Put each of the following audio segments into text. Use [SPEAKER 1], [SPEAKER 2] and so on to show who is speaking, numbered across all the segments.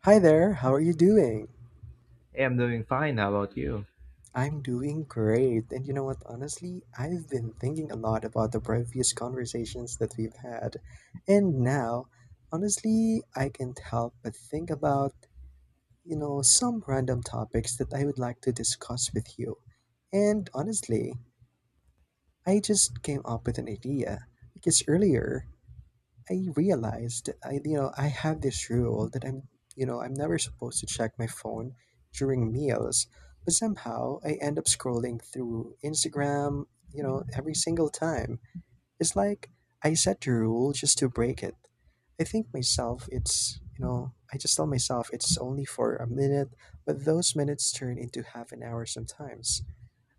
[SPEAKER 1] Hi there, how are you doing?
[SPEAKER 2] I'm doing fine. How about you?
[SPEAKER 1] I'm doing great. And you know what, honestly, I've been thinking a lot about the previous conversations that we've had. And now, honestly, I can't help but think about some random topics that I would like to discuss with you. And honestly, I just came up with an idea because earlier I realized I you know I have this rule that I'm you know I'm never supposed to check my phone during meals, but somehow I end up scrolling through Instagram, every single time. It's like I set the rule just to break it. I think myself it's I just tell myself it's only for a minute, but those minutes turn into half an hour sometimes.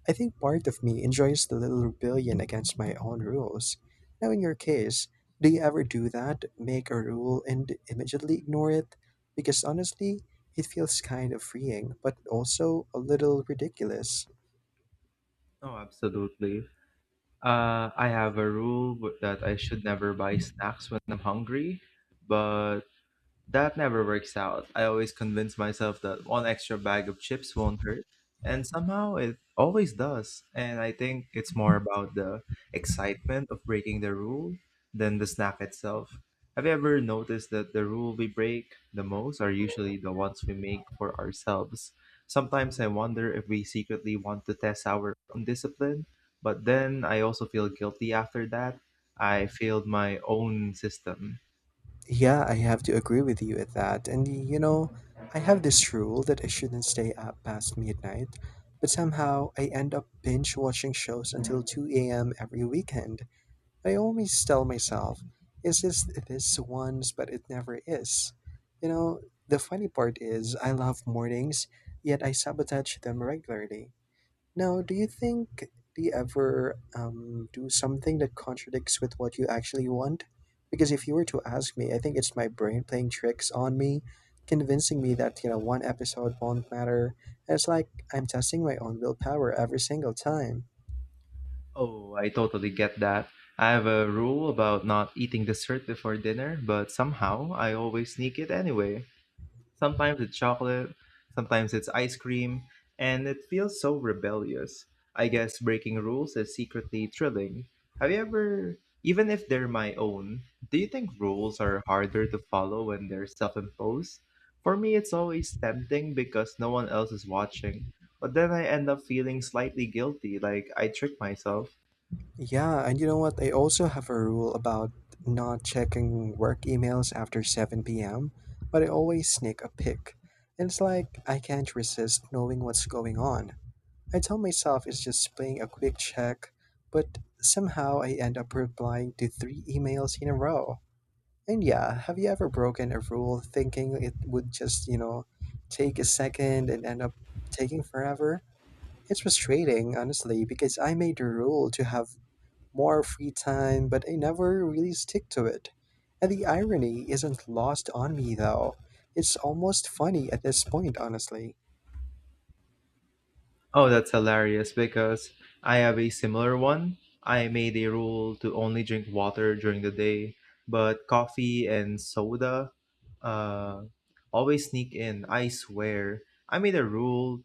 [SPEAKER 1] I think part of me enjoys the little rebellion against my own rules. Now, in your case, do you ever do that? Make a rule and immediately ignore it? Because honestly, it feels kind of freeing, but also a little ridiculous.
[SPEAKER 2] No, absolutely. I have a rule that I should never buy snacks when I'm hungry, but That never works out. I always convince myself that one extra bag of chips won't hurt, and somehow it always does. And I think it's more about the excitement of breaking the rule than the snack itself. Have you ever noticed that the rule we break the most are usually the ones we make for ourselves? Sometimes I wonder if we secretly want to test our own discipline, but then I also feel guilty after that. I failed my own system.
[SPEAKER 1] Yeah, I have to agree with you at that. And you know, I have this rule that I shouldn't stay up past midnight, but somehow I end up binge watching shows until 2 a.m. every weekend. I always tell myself, is this once, but it never is. You know, the funny part is, I love mornings, yet I sabotage them regularly. Now, do you ever do something that contradicts with what you actually want? Because if you were to ask me, I think it's my brain playing tricks on me, convincing me that one episode won't matter. And it's like I'm testing my own willpower every single time.
[SPEAKER 2] Oh, I totally get that. I have a rule about not eating dessert before dinner, but somehow I always sneak it anyway. Sometimes it's chocolate, sometimes it's ice cream, and it feels so rebellious. I guess breaking rules is secretly thrilling. Have you ever, even if they're my own, do you think rules are harder to follow when they're self imposed? For me, it's always tempting because no one else is watching, but then I end up feeling slightly guilty, like I tricked myself.
[SPEAKER 1] Yeah, and you know what? I also have a rule about not checking work emails after 7 p.m., but I always sneak a pic. And it's like I can't resist knowing what's going on. I tell myself it's just playing a quick check, but somehow I end up replying to three emails in a row. And yeah, have you ever broken a rule thinking it would just take a second and end up taking forever? It's frustrating, honestly, because I made a rule to have more free time, but I never really stick to it. And the irony isn't lost on me, though. It's almost funny at this point, honestly.
[SPEAKER 2] Oh, that's hilarious because I have a similar one. I made a rule to only drink water during the day, but coffee and soda uh, always sneak in. I swear. I made a rule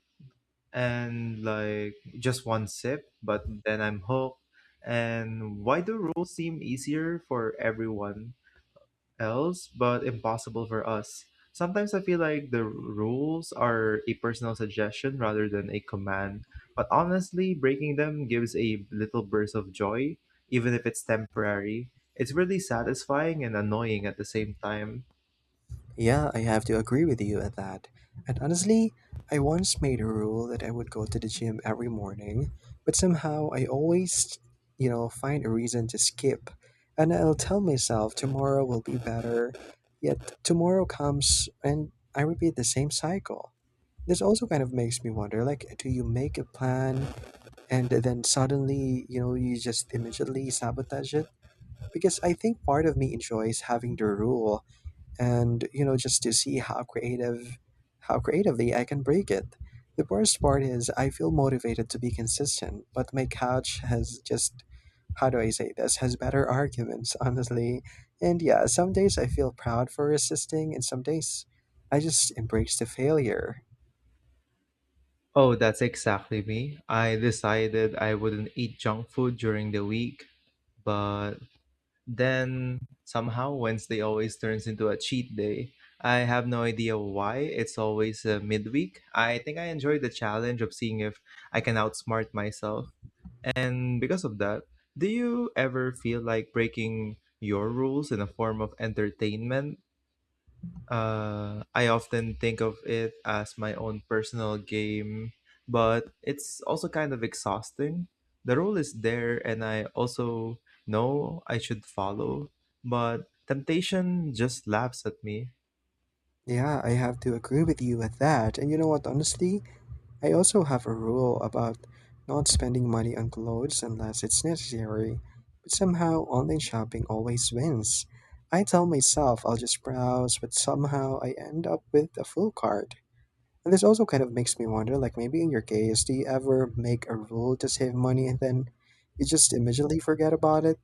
[SPEAKER 2] and like just one sip, but then I'm hooked. And why do rules seem easier for everyone else, but impossible for us? Sometimes I feel like the rules are a personal suggestion rather than a command, but honestly, breaking them gives a little burst of joy, even if it's temporary. It's really satisfying and annoying at the same time.
[SPEAKER 1] Yeah, I have to agree with you at that. And honestly, I once made a rule that I would go to the gym every morning, but somehow I always find a reason to skip. And I'll tell myself tomorrow will be better, yet tomorrow comes and I repeat the same cycle. This also kind of makes me wonder, like, do you make a plan and then suddenly you just immediately sabotage it? Because I think part of me enjoys having the rule and just to see how creatively I can break it. The worst part is I feel motivated to be consistent, but my couch has, just, how do I say this, has better arguments, honestly. And yeah, some days I feel proud for resisting, and some days I just embrace the failure.
[SPEAKER 2] Oh, that's exactly me. I decided I wouldn't eat junk food during the week, but Then somehow Wednesday always turns into a cheat day. I have no idea why. It's always midweek. I think I enjoy the challenge of seeing if I can outsmart myself. And because of that, do you ever feel like breaking your rules in a form of entertainment? I often think of it as my own personal game, but it's also kind of exhausting. The rule is there, and I also know I should follow, but temptation just laughs at me.
[SPEAKER 1] Yeah, I have to agree with you with that. And you know what, honestly, I also have a rule about not spending money on clothes unless it's necessary. But somehow, online shopping always wins. I tell myself I'll just browse, but somehow I end up with a full cart. And this also kind of makes me wonder, like maybe in your case, do you ever make a rule to save money and then you just immediately forget about it?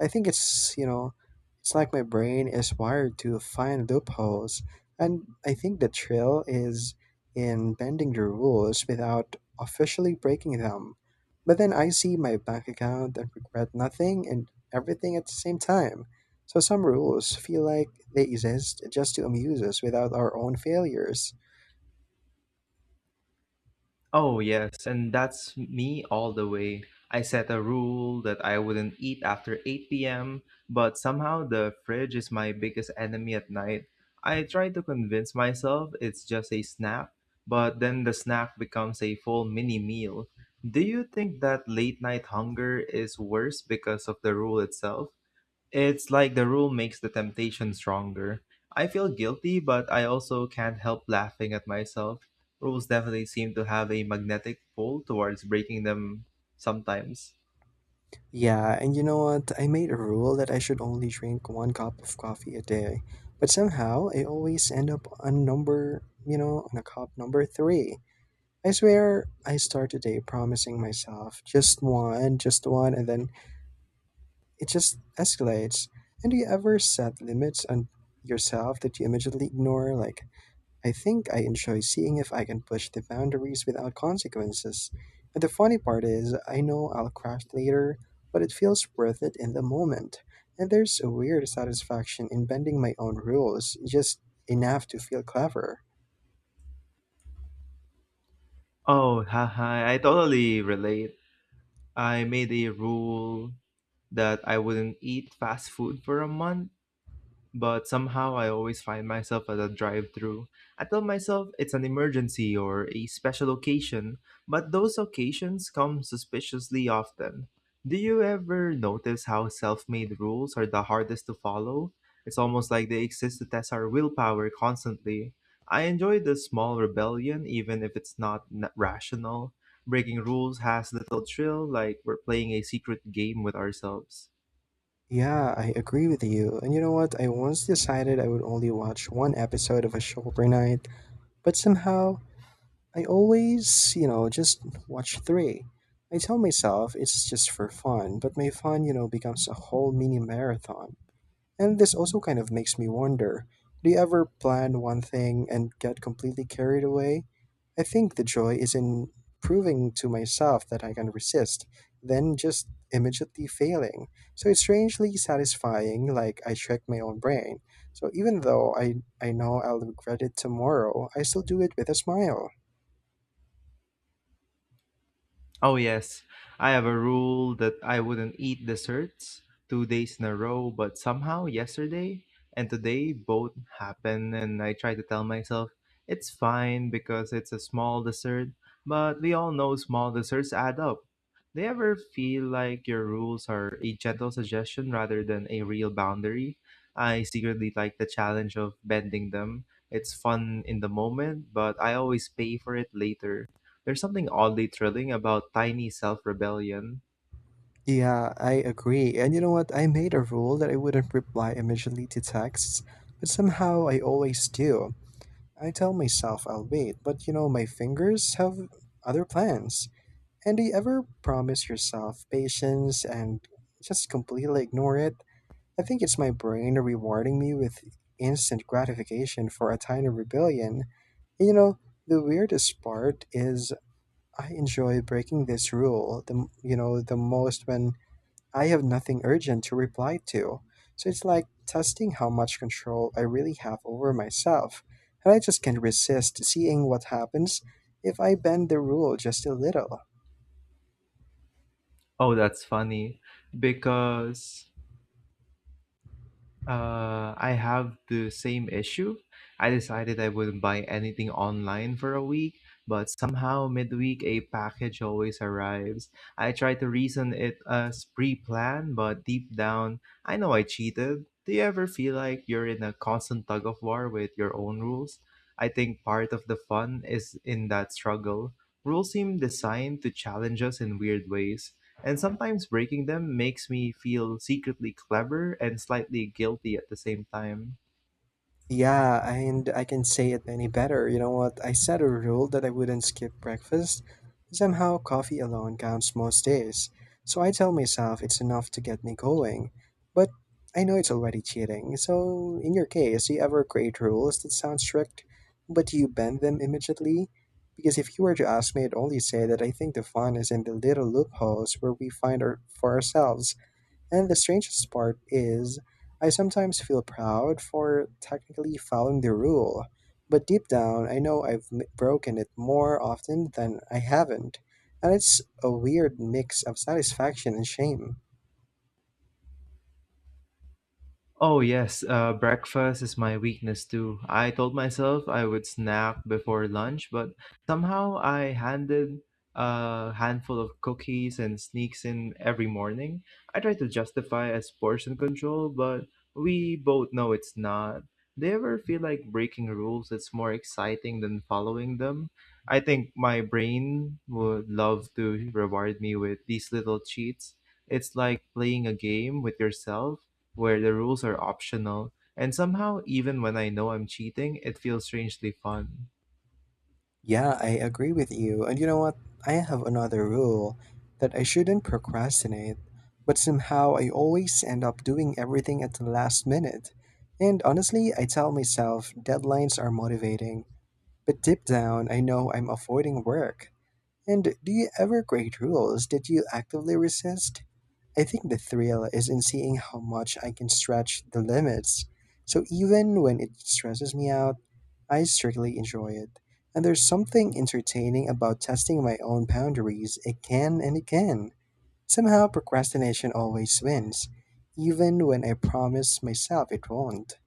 [SPEAKER 1] I think it's like my brain is wired to find loopholes. And I think the thrill is in bending the rules without officially breaking them. But then I see my bank account and regret nothing and everything at the same time. So some rules feel like they exist just to amuse us without our own failures.
[SPEAKER 2] Oh, yes, and that's me all the way. I set a rule that I wouldn't eat after 8 p.m., but somehow the fridge is my biggest enemy at night. I try to convince myself it's just a snack, but then the snack becomes a full mini meal. Do you think that late night hunger is worse because of the rule itself? It's like the rule makes the temptation stronger. I feel guilty, but I also can't help laughing at myself. Rules definitely seem to have a magnetic pull towards breaking them sometimes.
[SPEAKER 1] Yeah, and you know what? I made a rule that I should only drink one cup of coffee a day, but somehow I always end up on a cup number three. I swear I start the day promising myself just one, and then it just escalates. And do you ever set limits on yourself that you immediately ignore? Like, I think I enjoy seeing if I can push the boundaries without consequences. And the funny part is, I know I'll crash later, but it feels worth it in the moment. And there's a weird satisfaction in bending my own rules, just enough to feel clever.
[SPEAKER 2] Oh, haha, I totally relate. I made a rule that I wouldn't eat fast food for a month but somehow I always find myself at a drive through. I tell myself it's an emergency or a special occasion, but those occasions come suspiciously often. Do you ever notice how self made rules are the hardest to follow? It's almost like they exist to test our willpower constantly. I enjoy the small rebellion, even if it's not rational. Breaking rules has little thrill, like we're playing a secret game with ourselves.
[SPEAKER 1] Yeah, I agree with you. And you know what? I once decided I would only watch one episode of a show per night, but somehow I always just watch three. I tell myself it's just for fun, but my fun becomes a whole mini marathon. And this also kind of makes me wonder, do you ever plan one thing and get completely carried away? I think the joy is in proving to myself that I can resist, then just immediately failing. So it's strangely satisfying, like I trick my own brain. So even though I know I'll regret it tomorrow, I still do it with a smile.
[SPEAKER 2] Oh yes, I have a rule that I wouldn't eat desserts 2 days in a row, but somehow yesterday and today both happen, and I try to tell myself it's fine because it's a small dessert, but we all know small desserts add up. Do you ever feel like your rules are a gentle suggestion rather than a real boundary? I secretly like the challenge of bending them. It's fun in the moment, but I always pay for it later. There's something oddly thrilling about tiny self rebellion.
[SPEAKER 1] Yeah, I agree. And you know what? I made a rule that I wouldn't reply immediately to texts, but somehow I always do. I tell myself I'll wait, but my fingers have other plans. And do you ever promise yourself patience and just completely ignore it? I think it's my brain rewarding me with instant gratification for a tiny rebellion. And the weirdest part is I enjoy breaking this rule, the, m- you know, the most when I have nothing urgent to reply to, so it's like testing how much control I really have over myself, and I just can't resist seeing what happens if I bend the rule just a little.
[SPEAKER 2] Oh, that's funny. Because I have the same issue. I decided I wouldn't buy anything online for a week, but somehow midweek a package always arrives. I tried to reason it as pre-planned, but deep down, I know I cheated. Do you ever feel like you're in a constant tug of war with your own rules? I think part of the fun is in that struggle. Rules seem designed to challenge us in weird ways. And sometimes breaking them makes me feel secretly clever and slightly guilty at the same time.
[SPEAKER 1] Yeah, and I can say it any better. You know what? I set a rule that I wouldn't skip breakfast. Somehow, coffee alone counts most days. So I tell myself it's enough to get me going. But I know it's already cheating. So, in your case, do you ever create rules that sound strict, but you bend them immediately? Because if you were to ask me, I'd only say that I think the fun is in the little loopholes where we find for ourselves. And the strangest part is, I sometimes feel proud for technically following the rule, but deep down I know I've broken it more often than I haven't, and it's a weird mix of satisfaction and shame.
[SPEAKER 2] Oh, yes, breakfast is my weakness too. I told myself I would snack before lunch, but somehow I handed a handful of cookies and sneaks in every morning. I try to justify as portion control, but we both know it's not. Do you ever feel like breaking rules is more exciting than following them? I think my brain would love to reward me with these little cheats. It's like playing a game with yourself where the rules are optional, and somehow, even when I know I'm cheating, it feels strangely fun.
[SPEAKER 1] Yeah, I agree with you, and you know what? I have another rule that I shouldn't procrastinate, but somehow I always end up doing everything at the last minute. And honestly, I tell myself deadlines are motivating. But deep down, I know I'm avoiding work. And do you ever create rules that you actively resist? I think the thrill is in seeing how much I can stretch the limits. So even when it stresses me out, I strictly enjoy it. And there's something entertaining about testing my own boundaries again and again. Somehow, procrastination always wins, even when I promise myself it won't.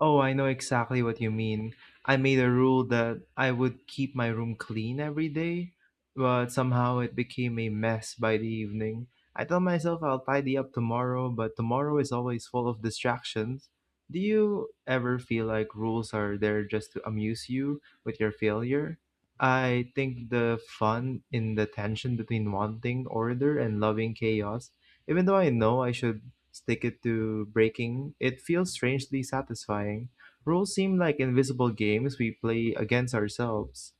[SPEAKER 2] Oh, I know exactly what you mean. I made a rule that I would keep my room clean every day, but somehow it became a mess by the evening. I tell myself I'll tidy up tomorrow, but tomorrow is always full of distractions. Do you ever feel like rules are there just to amuse you with your failure? I think the fun in the tension between wanting order and loving chaos, even though I know I should stick it to breaking, it feels strangely satisfying. Rules seem like invisible games we play against ourselves.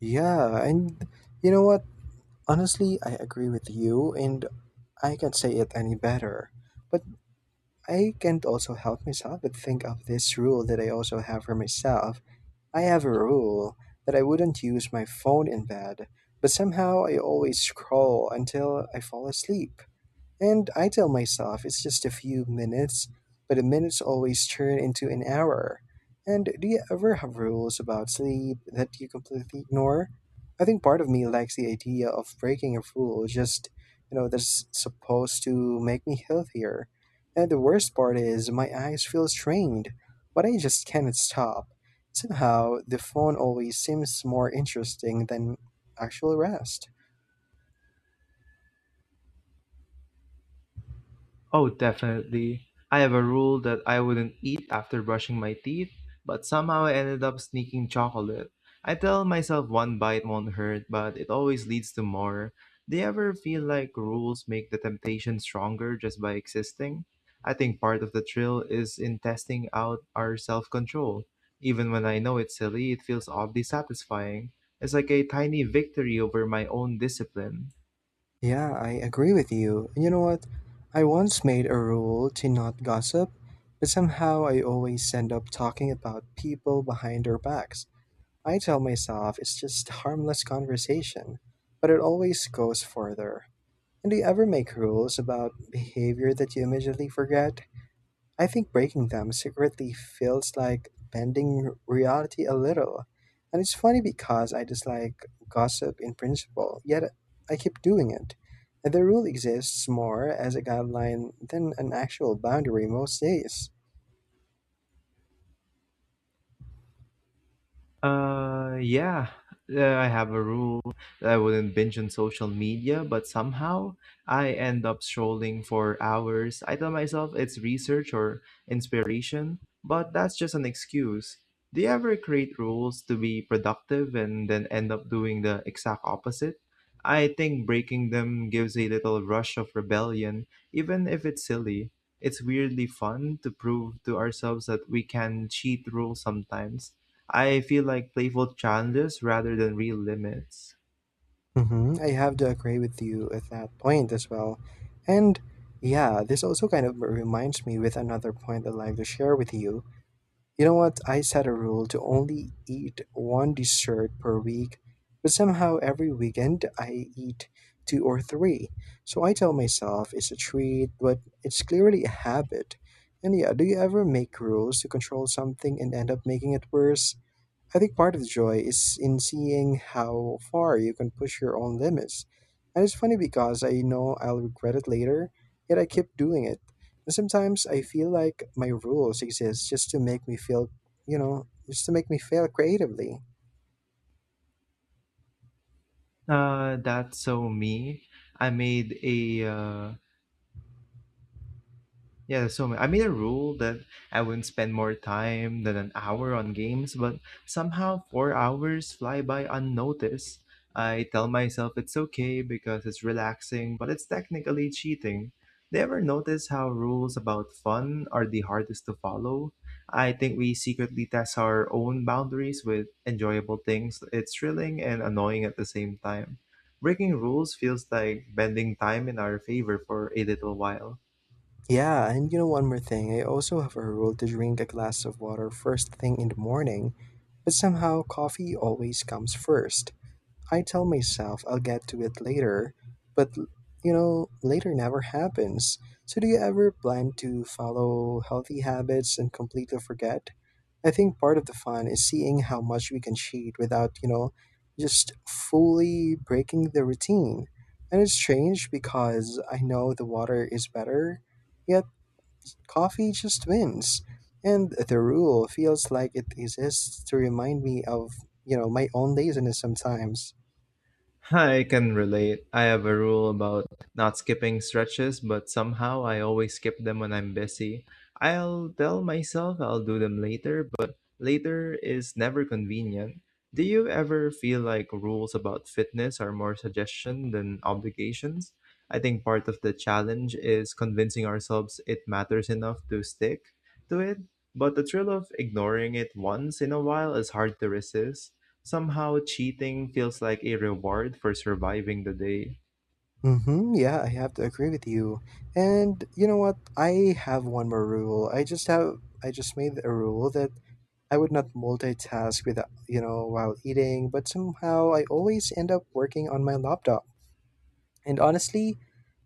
[SPEAKER 1] Yeah, and you know what? Honestly, I agree with you, and I can't say it any better. But I can't also help myself but think of this rule that I also have for myself. I have a rule that I wouldn't use my phone in bed, but somehow I always scroll until I fall asleep. And I tell myself it's just a few minutes, but the minutes always turn into an hour. And do you ever have rules about sleep that you completely ignore? I think part of me likes the idea of breaking a rule just that's supposed to make me healthier. And the worst part is my eyes feel strained, but I just cannot stop. Somehow, the phone always seems more interesting than actual rest.
[SPEAKER 2] Oh, definitely. I have a rule that I wouldn't eat after brushing my teeth, but somehow I ended up sneaking chocolate. I tell myself one bite won't hurt, but it always leads to more. Do you ever feel like rules make the temptation stronger just by existing? I think part of the thrill is in testing out our self control. Even when I know it's silly, it feels oddly satisfying. It's like a tiny victory over my own discipline.
[SPEAKER 1] Yeah, I agree with you. You know what? I once made a rule to not gossip, but somehow I always end up talking about people behind their backs. I tell myself it's just harmless conversation, but it always goes further. And do you ever make rules about behavior that you immediately forget? I think breaking them secretly feels like bending reality a little. And it's funny because I dislike gossip in principle, yet I keep doing it. And the rule exists more as a guideline than an actual boundary most days.
[SPEAKER 2] Uh, yeah, I have a rule that I wouldn't binge on social media, but somehow I end up scrolling for hours. I tell myself it's research or inspiration, but that's just an excuse. Do you ever create rules to be productive and then end up doing the exact opposite? I think breaking them gives a little rush of rebellion, even if it's silly. It's weirdly fun to prove to ourselves that we can cheat rules sometimes I feel like playful challenges rather than real limits.
[SPEAKER 1] I have to agree with you at that point as well. And yeah, this also kind of reminds me with another point I'd like to share with you. You know what? I set a rule to only eat one dessert per week, but somehow every weekend I eat two or three. So I tell myself it's a treat, but it's clearly a habit. And yeah, do you ever make rules to control something and end up making it worse? I think part of the joy is in seeing how far you can push your own limits. And it's funny because I know I'll regret it later, yet I keep doing it. And sometimes I feel like my rules exist just to make me feel, just to make me fail creatively.
[SPEAKER 2] That's so me. I made a Yeah, there's so ma- I made a rule that I wouldn't spend more time than an hour on games, but somehow 4 hours fly by unnoticed. I tell myself it's okay because it's relaxing, but it's technically cheating. Do you ever notice how rules about fun are the hardest to follow? I think we secretly test our own boundaries with enjoyable things. It's thrilling and annoying at the same time. Breaking rules feels like bending time in our favor for a little while.
[SPEAKER 1] Yeah, and you know, one more thing. I also have a rule to drink a glass of water first thing in the morning, but somehow coffee always comes first. I tell myself I'll get to it later, but later never happens. So, do you ever plan to follow healthy habits and completely forget? I think part of the fun is seeing how much we can cheat without just fully breaking the routine. And it's strange because I know the water is better, yet coffee just wins. And the rule feels like it exists to remind me of my own laziness sometimes.
[SPEAKER 2] I can relate. I have a rule about not skipping stretches, but somehow I always skip them when I'm busy. I'll tell myself I'll do them later, but later is never convenient. Do you ever feel like rules about fitness are more suggestion than obligations? I think part of the challenge is convincing ourselves it matters enough to stick to it, but the thrill of ignoring it once in a while is hard to resist. Somehow, cheating feels like a reward for surviving the day.
[SPEAKER 1] Mm-hmm. Yeah, I have to agree with you. And you know what? I have one more rule. I just made a rule that I would not multitask with while eating, but somehow I always end up working on my laptop. And honestly,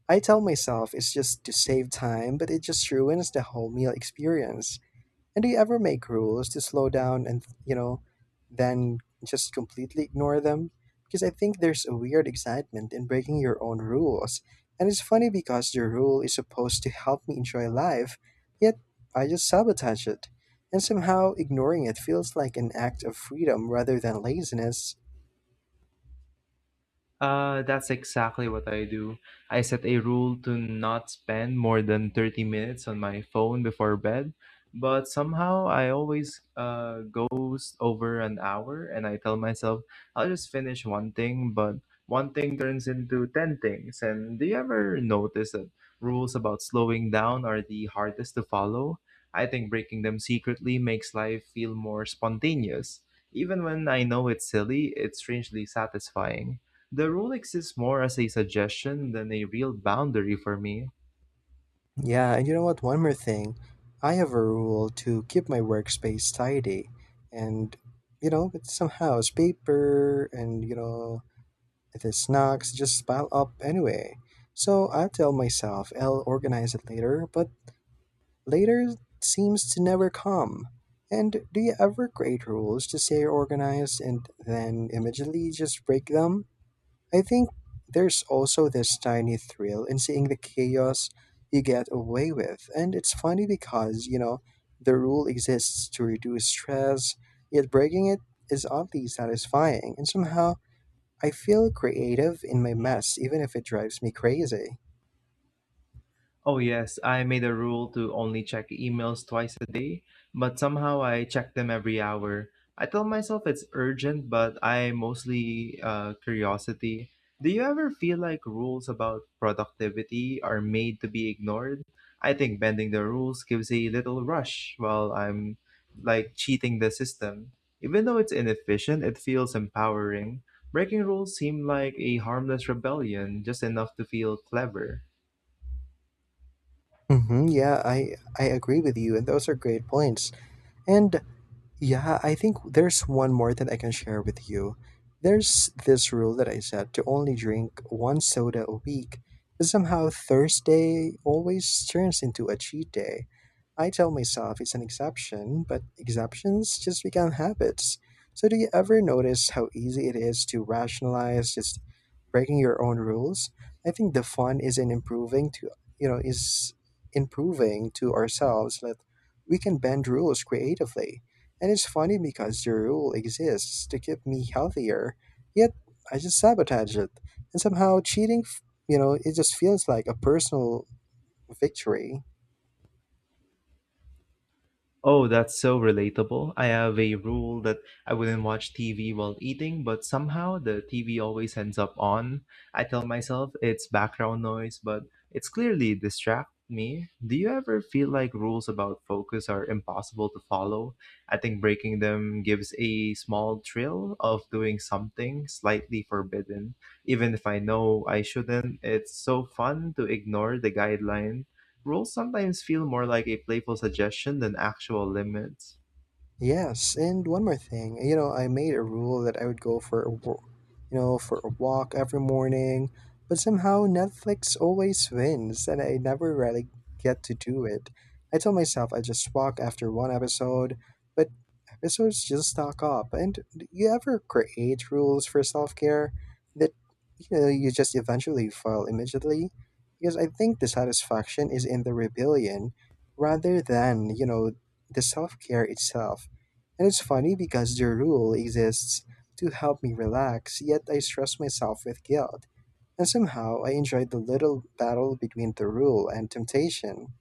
[SPEAKER 1] I tell myself it's just to save time, but it just ruins the whole meal experience. And do you ever make rules to slow down and then just completely ignore them? Because I think there's a weird excitement in breaking your own rules. And it's funny because your rule is supposed to help me enjoy life, yet I just sabotage it. And somehow ignoring it feels like an act of freedom rather than laziness.
[SPEAKER 2] That's exactly what I do. I set a rule to not spend more than 30 minutes on my phone before bed, but somehow I always goes over an hour and I tell myself I'll just finish one thing, but one thing turns into 10 things. And do you ever notice that rules about slowing down are the hardest to follow? I think breaking them secretly makes life feel more spontaneous. Even when I know it's silly, it's strangely satisfying. The rule exists more as a suggestion than a real boundary for me.
[SPEAKER 1] Yeah, and you know what? One more thing. I have a rule to keep my workspace tidy. And it's some house paper and if the snacks just pile up anyway. So I tell myself I'll organize it later, but later seems to never come. And do you ever create rules to say organized and then immediately just break them? I think there's also this tiny thrill in seeing the chaos you get away with. And it's funny because the rule exists to reduce stress, yet breaking it is oddly satisfying. And somehow, I feel creative in my mess, even if it drives me crazy.
[SPEAKER 2] Oh, yes, I made a rule to only check emails twice a day, but somehow I check them every hour. I tell myself it's urgent, but I mostly curiosity. Do you ever feel like rules about productivity are made to be ignored? I think bending the rules gives a little rush while I'm like cheating the system. Even though it's inefficient, it feels empowering. Breaking rules seem like a harmless rebellion, just enough to feel clever.
[SPEAKER 1] Hmm, yeah, I agree with you, and those are great points. And yeah, I think there's one more that I can share with you. There's this rule that I set to only drink one soda a week. But somehow, Thursday always turns into a cheat day. I tell myself it's an exception, but exceptions just become habits. So, do you ever notice how easy it is to rationalize just breaking your own rules. I think the fun is in improving to you know is improving to ourselves that we can bend rules creatively. And it's funny because the rule exists to keep me healthier, yet I just sabotage it. And somehow cheating, it just feels like a personal victory.
[SPEAKER 2] Oh, that's so relatable. I have a rule that I wouldn't watch TV while eating, but somehow the TV always ends up on. I tell myself it's background noise, but it's clearly distract me. Do you ever feel like rules about focus are impossible to follow? I think breaking them gives a small thrill of doing something slightly forbidden. Even if I know I shouldn't, it's so fun to ignore the guideline. Rules sometimes feel more like a playful suggestion than actual limits.
[SPEAKER 1] Yes, and one more thing. You know, I made a rule that I would go for a wa- you know, for a walk every morning, but somehow Netflix always wins and I never really get to do it. I tell myself I just walk after one episode, but episodes just stack up. And do you ever create rules for self-care that you just eventually fail immediately? Because I think the satisfaction is in the rebellion rather than the self-care itself. And it's funny because the rule exists to help me relax, yet I stress myself with guilt. And somehow I enjoyed the little battle between the rule and temptation.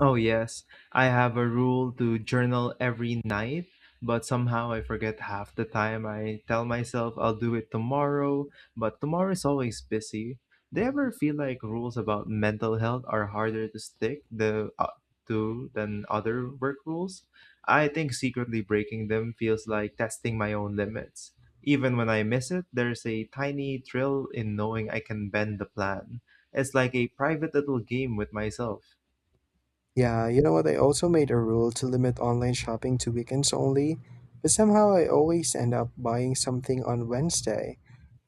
[SPEAKER 2] Oh, yes. I have a rule to journal every night, but somehow I forget half the time. I tell myself I'll do it tomorrow, but tomorrow is always busy. Do you ever feel like rules about mental health are harder to stick to than other work rules? I think secretly breaking them feels like testing my own limits. Even when I miss it, there's a tiny thrill in knowing I can bend the plan. It's like a private little game with myself.
[SPEAKER 1] Yeah, you know what? I also made a rule to limit online shopping to weekends only, but somehow I always end up buying something on Wednesday.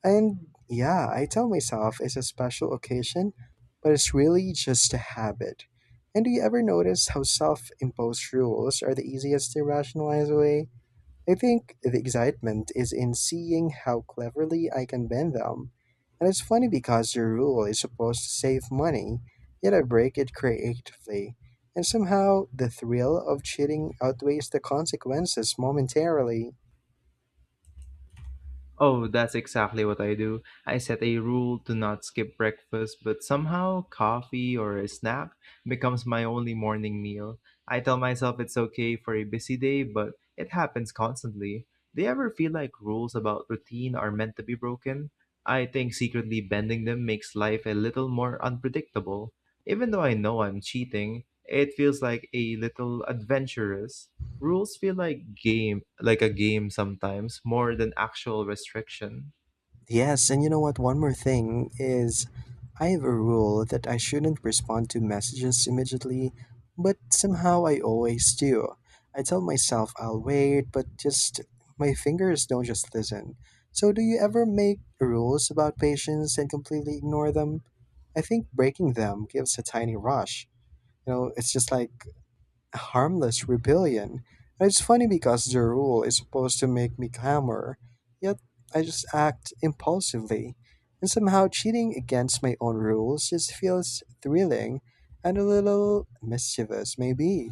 [SPEAKER 1] And yeah, I tell myself it's a special occasion, but it's really just a habit. And do you ever notice how self imposed rules are the easiest to rationalize away? I think the excitement is in seeing how cleverly I can bend them. And it's funny because the rule is supposed to save money, yet I break it creatively. And somehow the thrill of cheating outweighs the consequences momentarily.
[SPEAKER 2] Oh, that's exactly what I do. I set a rule to not skip breakfast, but somehow coffee or a snack becomes my only morning meal. I tell myself it's okay for a busy day, but it happens constantly. Do you ever feel like rules about routine are meant to be broken? I think secretly bending them makes life a little more unpredictable. Even though I know I'm cheating, it feels like a little adventurous. Rules feel like game like a game sometimes more than actual restriction.
[SPEAKER 1] Yes, and you know what? One more thing is I have a rule that I shouldn't respond to messages immediately, but somehow I always do. I tell myself I'll wait, but just my fingers don't just listen. So, do you ever make rules about patience and completely ignore them? I think breaking them gives a tiny rush. You know, it's just like harmless rebellion. And it's funny because the rule is supposed to make me calmer, yet I just act impulsively. And somehow cheating against my own rules just feels thrilling and a little mischievous, maybe.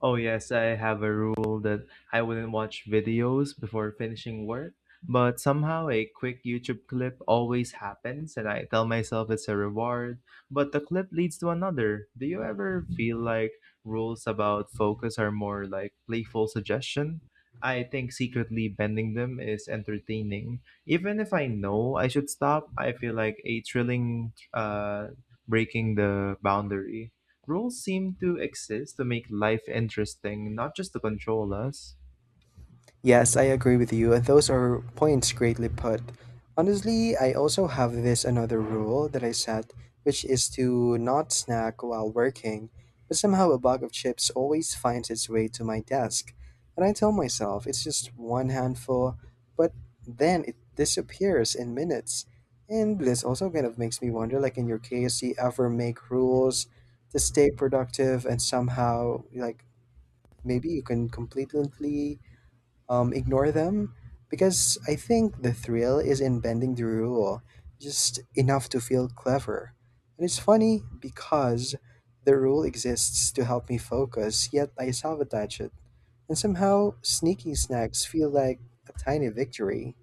[SPEAKER 2] Oh yes, I have a rule that I wouldn't watch videos before finishing work, but somehow a quick YouTube clip always happens and I tell myself it's a reward, but the clip leads to another. Do you ever feel like rules about focus are more like playful suggestion? I think secretly bending them is entertaining. Even if I know I should stop, I feel like a thrilling breaking the boundary. Rules seem to exist to make life interesting, not just to control us.
[SPEAKER 1] Yes, I agree with you, and those are points greatly put. Honestly, I also have this another rule that I set, which is to not snack while working, but somehow a bag of chips always finds its way to my desk. And I tell myself it's just one handful, but then it disappears in minutes. And this also kind of makes me wonder like in your case, do you ever make rules to stay productive and somehow like maybe you can completely ignore them because I think the thrill is in bending the rule just enough to feel clever. And it's funny because the rule exists to help me focus, yet I sabotage it. And somehow, sneaky snacks feel like a tiny victory.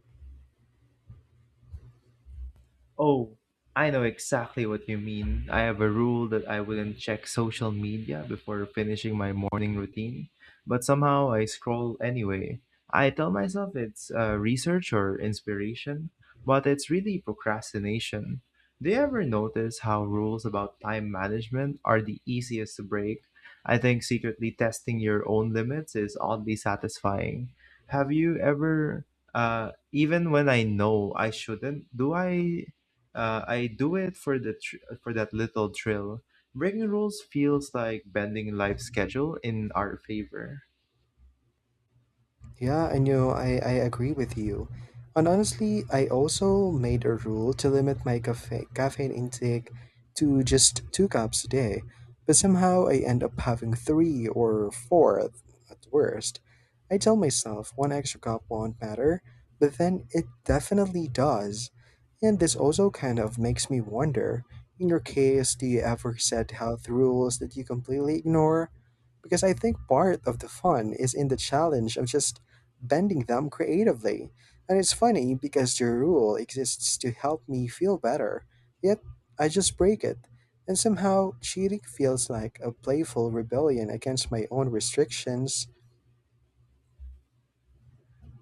[SPEAKER 2] Oh, I know exactly what you mean. I have a rule that I wouldn't check social media before finishing my morning routine, but somehow I scroll anyway. I tell myself it's research or inspiration, but it's really procrastination. Do you ever notice how rules about time management are the easiest to break? I think secretly testing your own limits is oddly satisfying. Have you ever, Even when I know I shouldn't, do I? I do it for for that little thrill. Breaking rules feels like bending life's schedule in our favor.
[SPEAKER 1] Yeah, I know, I agree with you. And honestly, I also made a rule to limit my caffeine intake to just two cups a day, but somehow I end up having three or four at worst. I tell myself one extra cup won't matter, but then it definitely does. And this also kind of makes me wonder in your case, do you ever set health rules that you completely ignore? Because I think part of the fun is in the challenge of just bending them creatively. And it's funny because the rule exists to help me feel better, yet I just break it. And somehow, cheating feels like a playful rebellion against my own restrictions.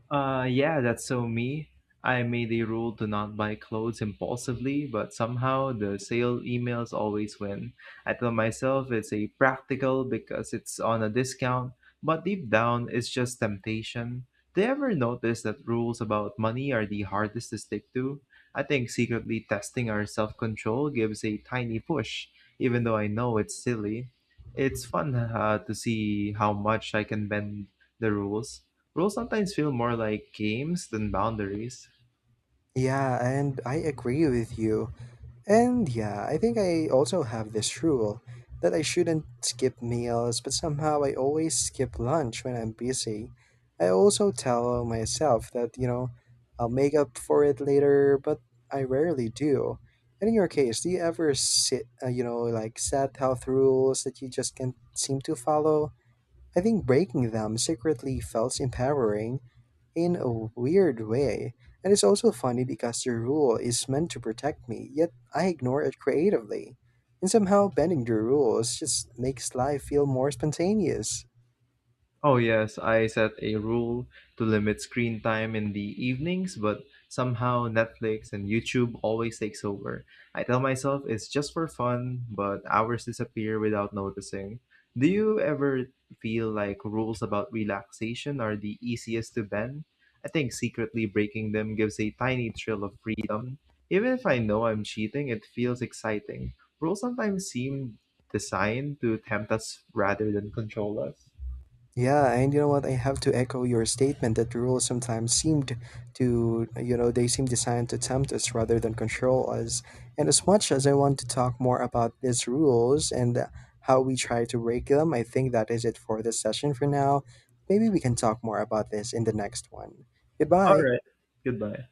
[SPEAKER 2] Yeah, that's so me. I made a rule to not buy clothes impulsively, but somehow the sale emails always win. I tell myself it's a practical because it's on a discount, but deep down it's just temptation. Do you ever notice that rules about money are the hardest to stick to? I think secretly testing our self control gives a tiny push, even though I know it's silly. It's fun to see how much I can bend the rules. Rules sometimes feel more like games than boundaries.
[SPEAKER 1] Yeah, and I agree with you. And yeah, I think I also have this rule that I shouldn't skip meals, but somehow I always skip lunch when I'm busy. I also tell myself that I'll make up for it later, but I rarely do. And in your case, do you ever sit, you know, like set health rules that you just can't seem to follow? I think breaking them secretly felt empowering in a weird way. And it's also funny because the rule is meant to protect me, yet I ignore it creatively. And somehow bending the rules just makes life feel more spontaneous.
[SPEAKER 2] Oh, yes, I set a rule to limit screen time in the evenings, but somehow Netflix and YouTube always takes over. I tell myself it's just for fun, but hours disappear without noticing. Do you ever feel like rules about relaxation are the easiest to bend? I think secretly breaking them gives a tiny thrill of freedom. Even if I know I'm cheating, it feels exciting. Rules sometimes seem designed to tempt us rather than control us.
[SPEAKER 1] Yeah, and you know what? I have to echo your statement that rules sometimes seemed to, you know, they seem designed to tempt us rather than control us. And as much as I want to talk more about these rules and how we try to break them, I think that is it for this session for now. Maybe we can talk more about this in the next one.
[SPEAKER 2] All
[SPEAKER 1] Goodbye.
[SPEAKER 2] right. Goodbye.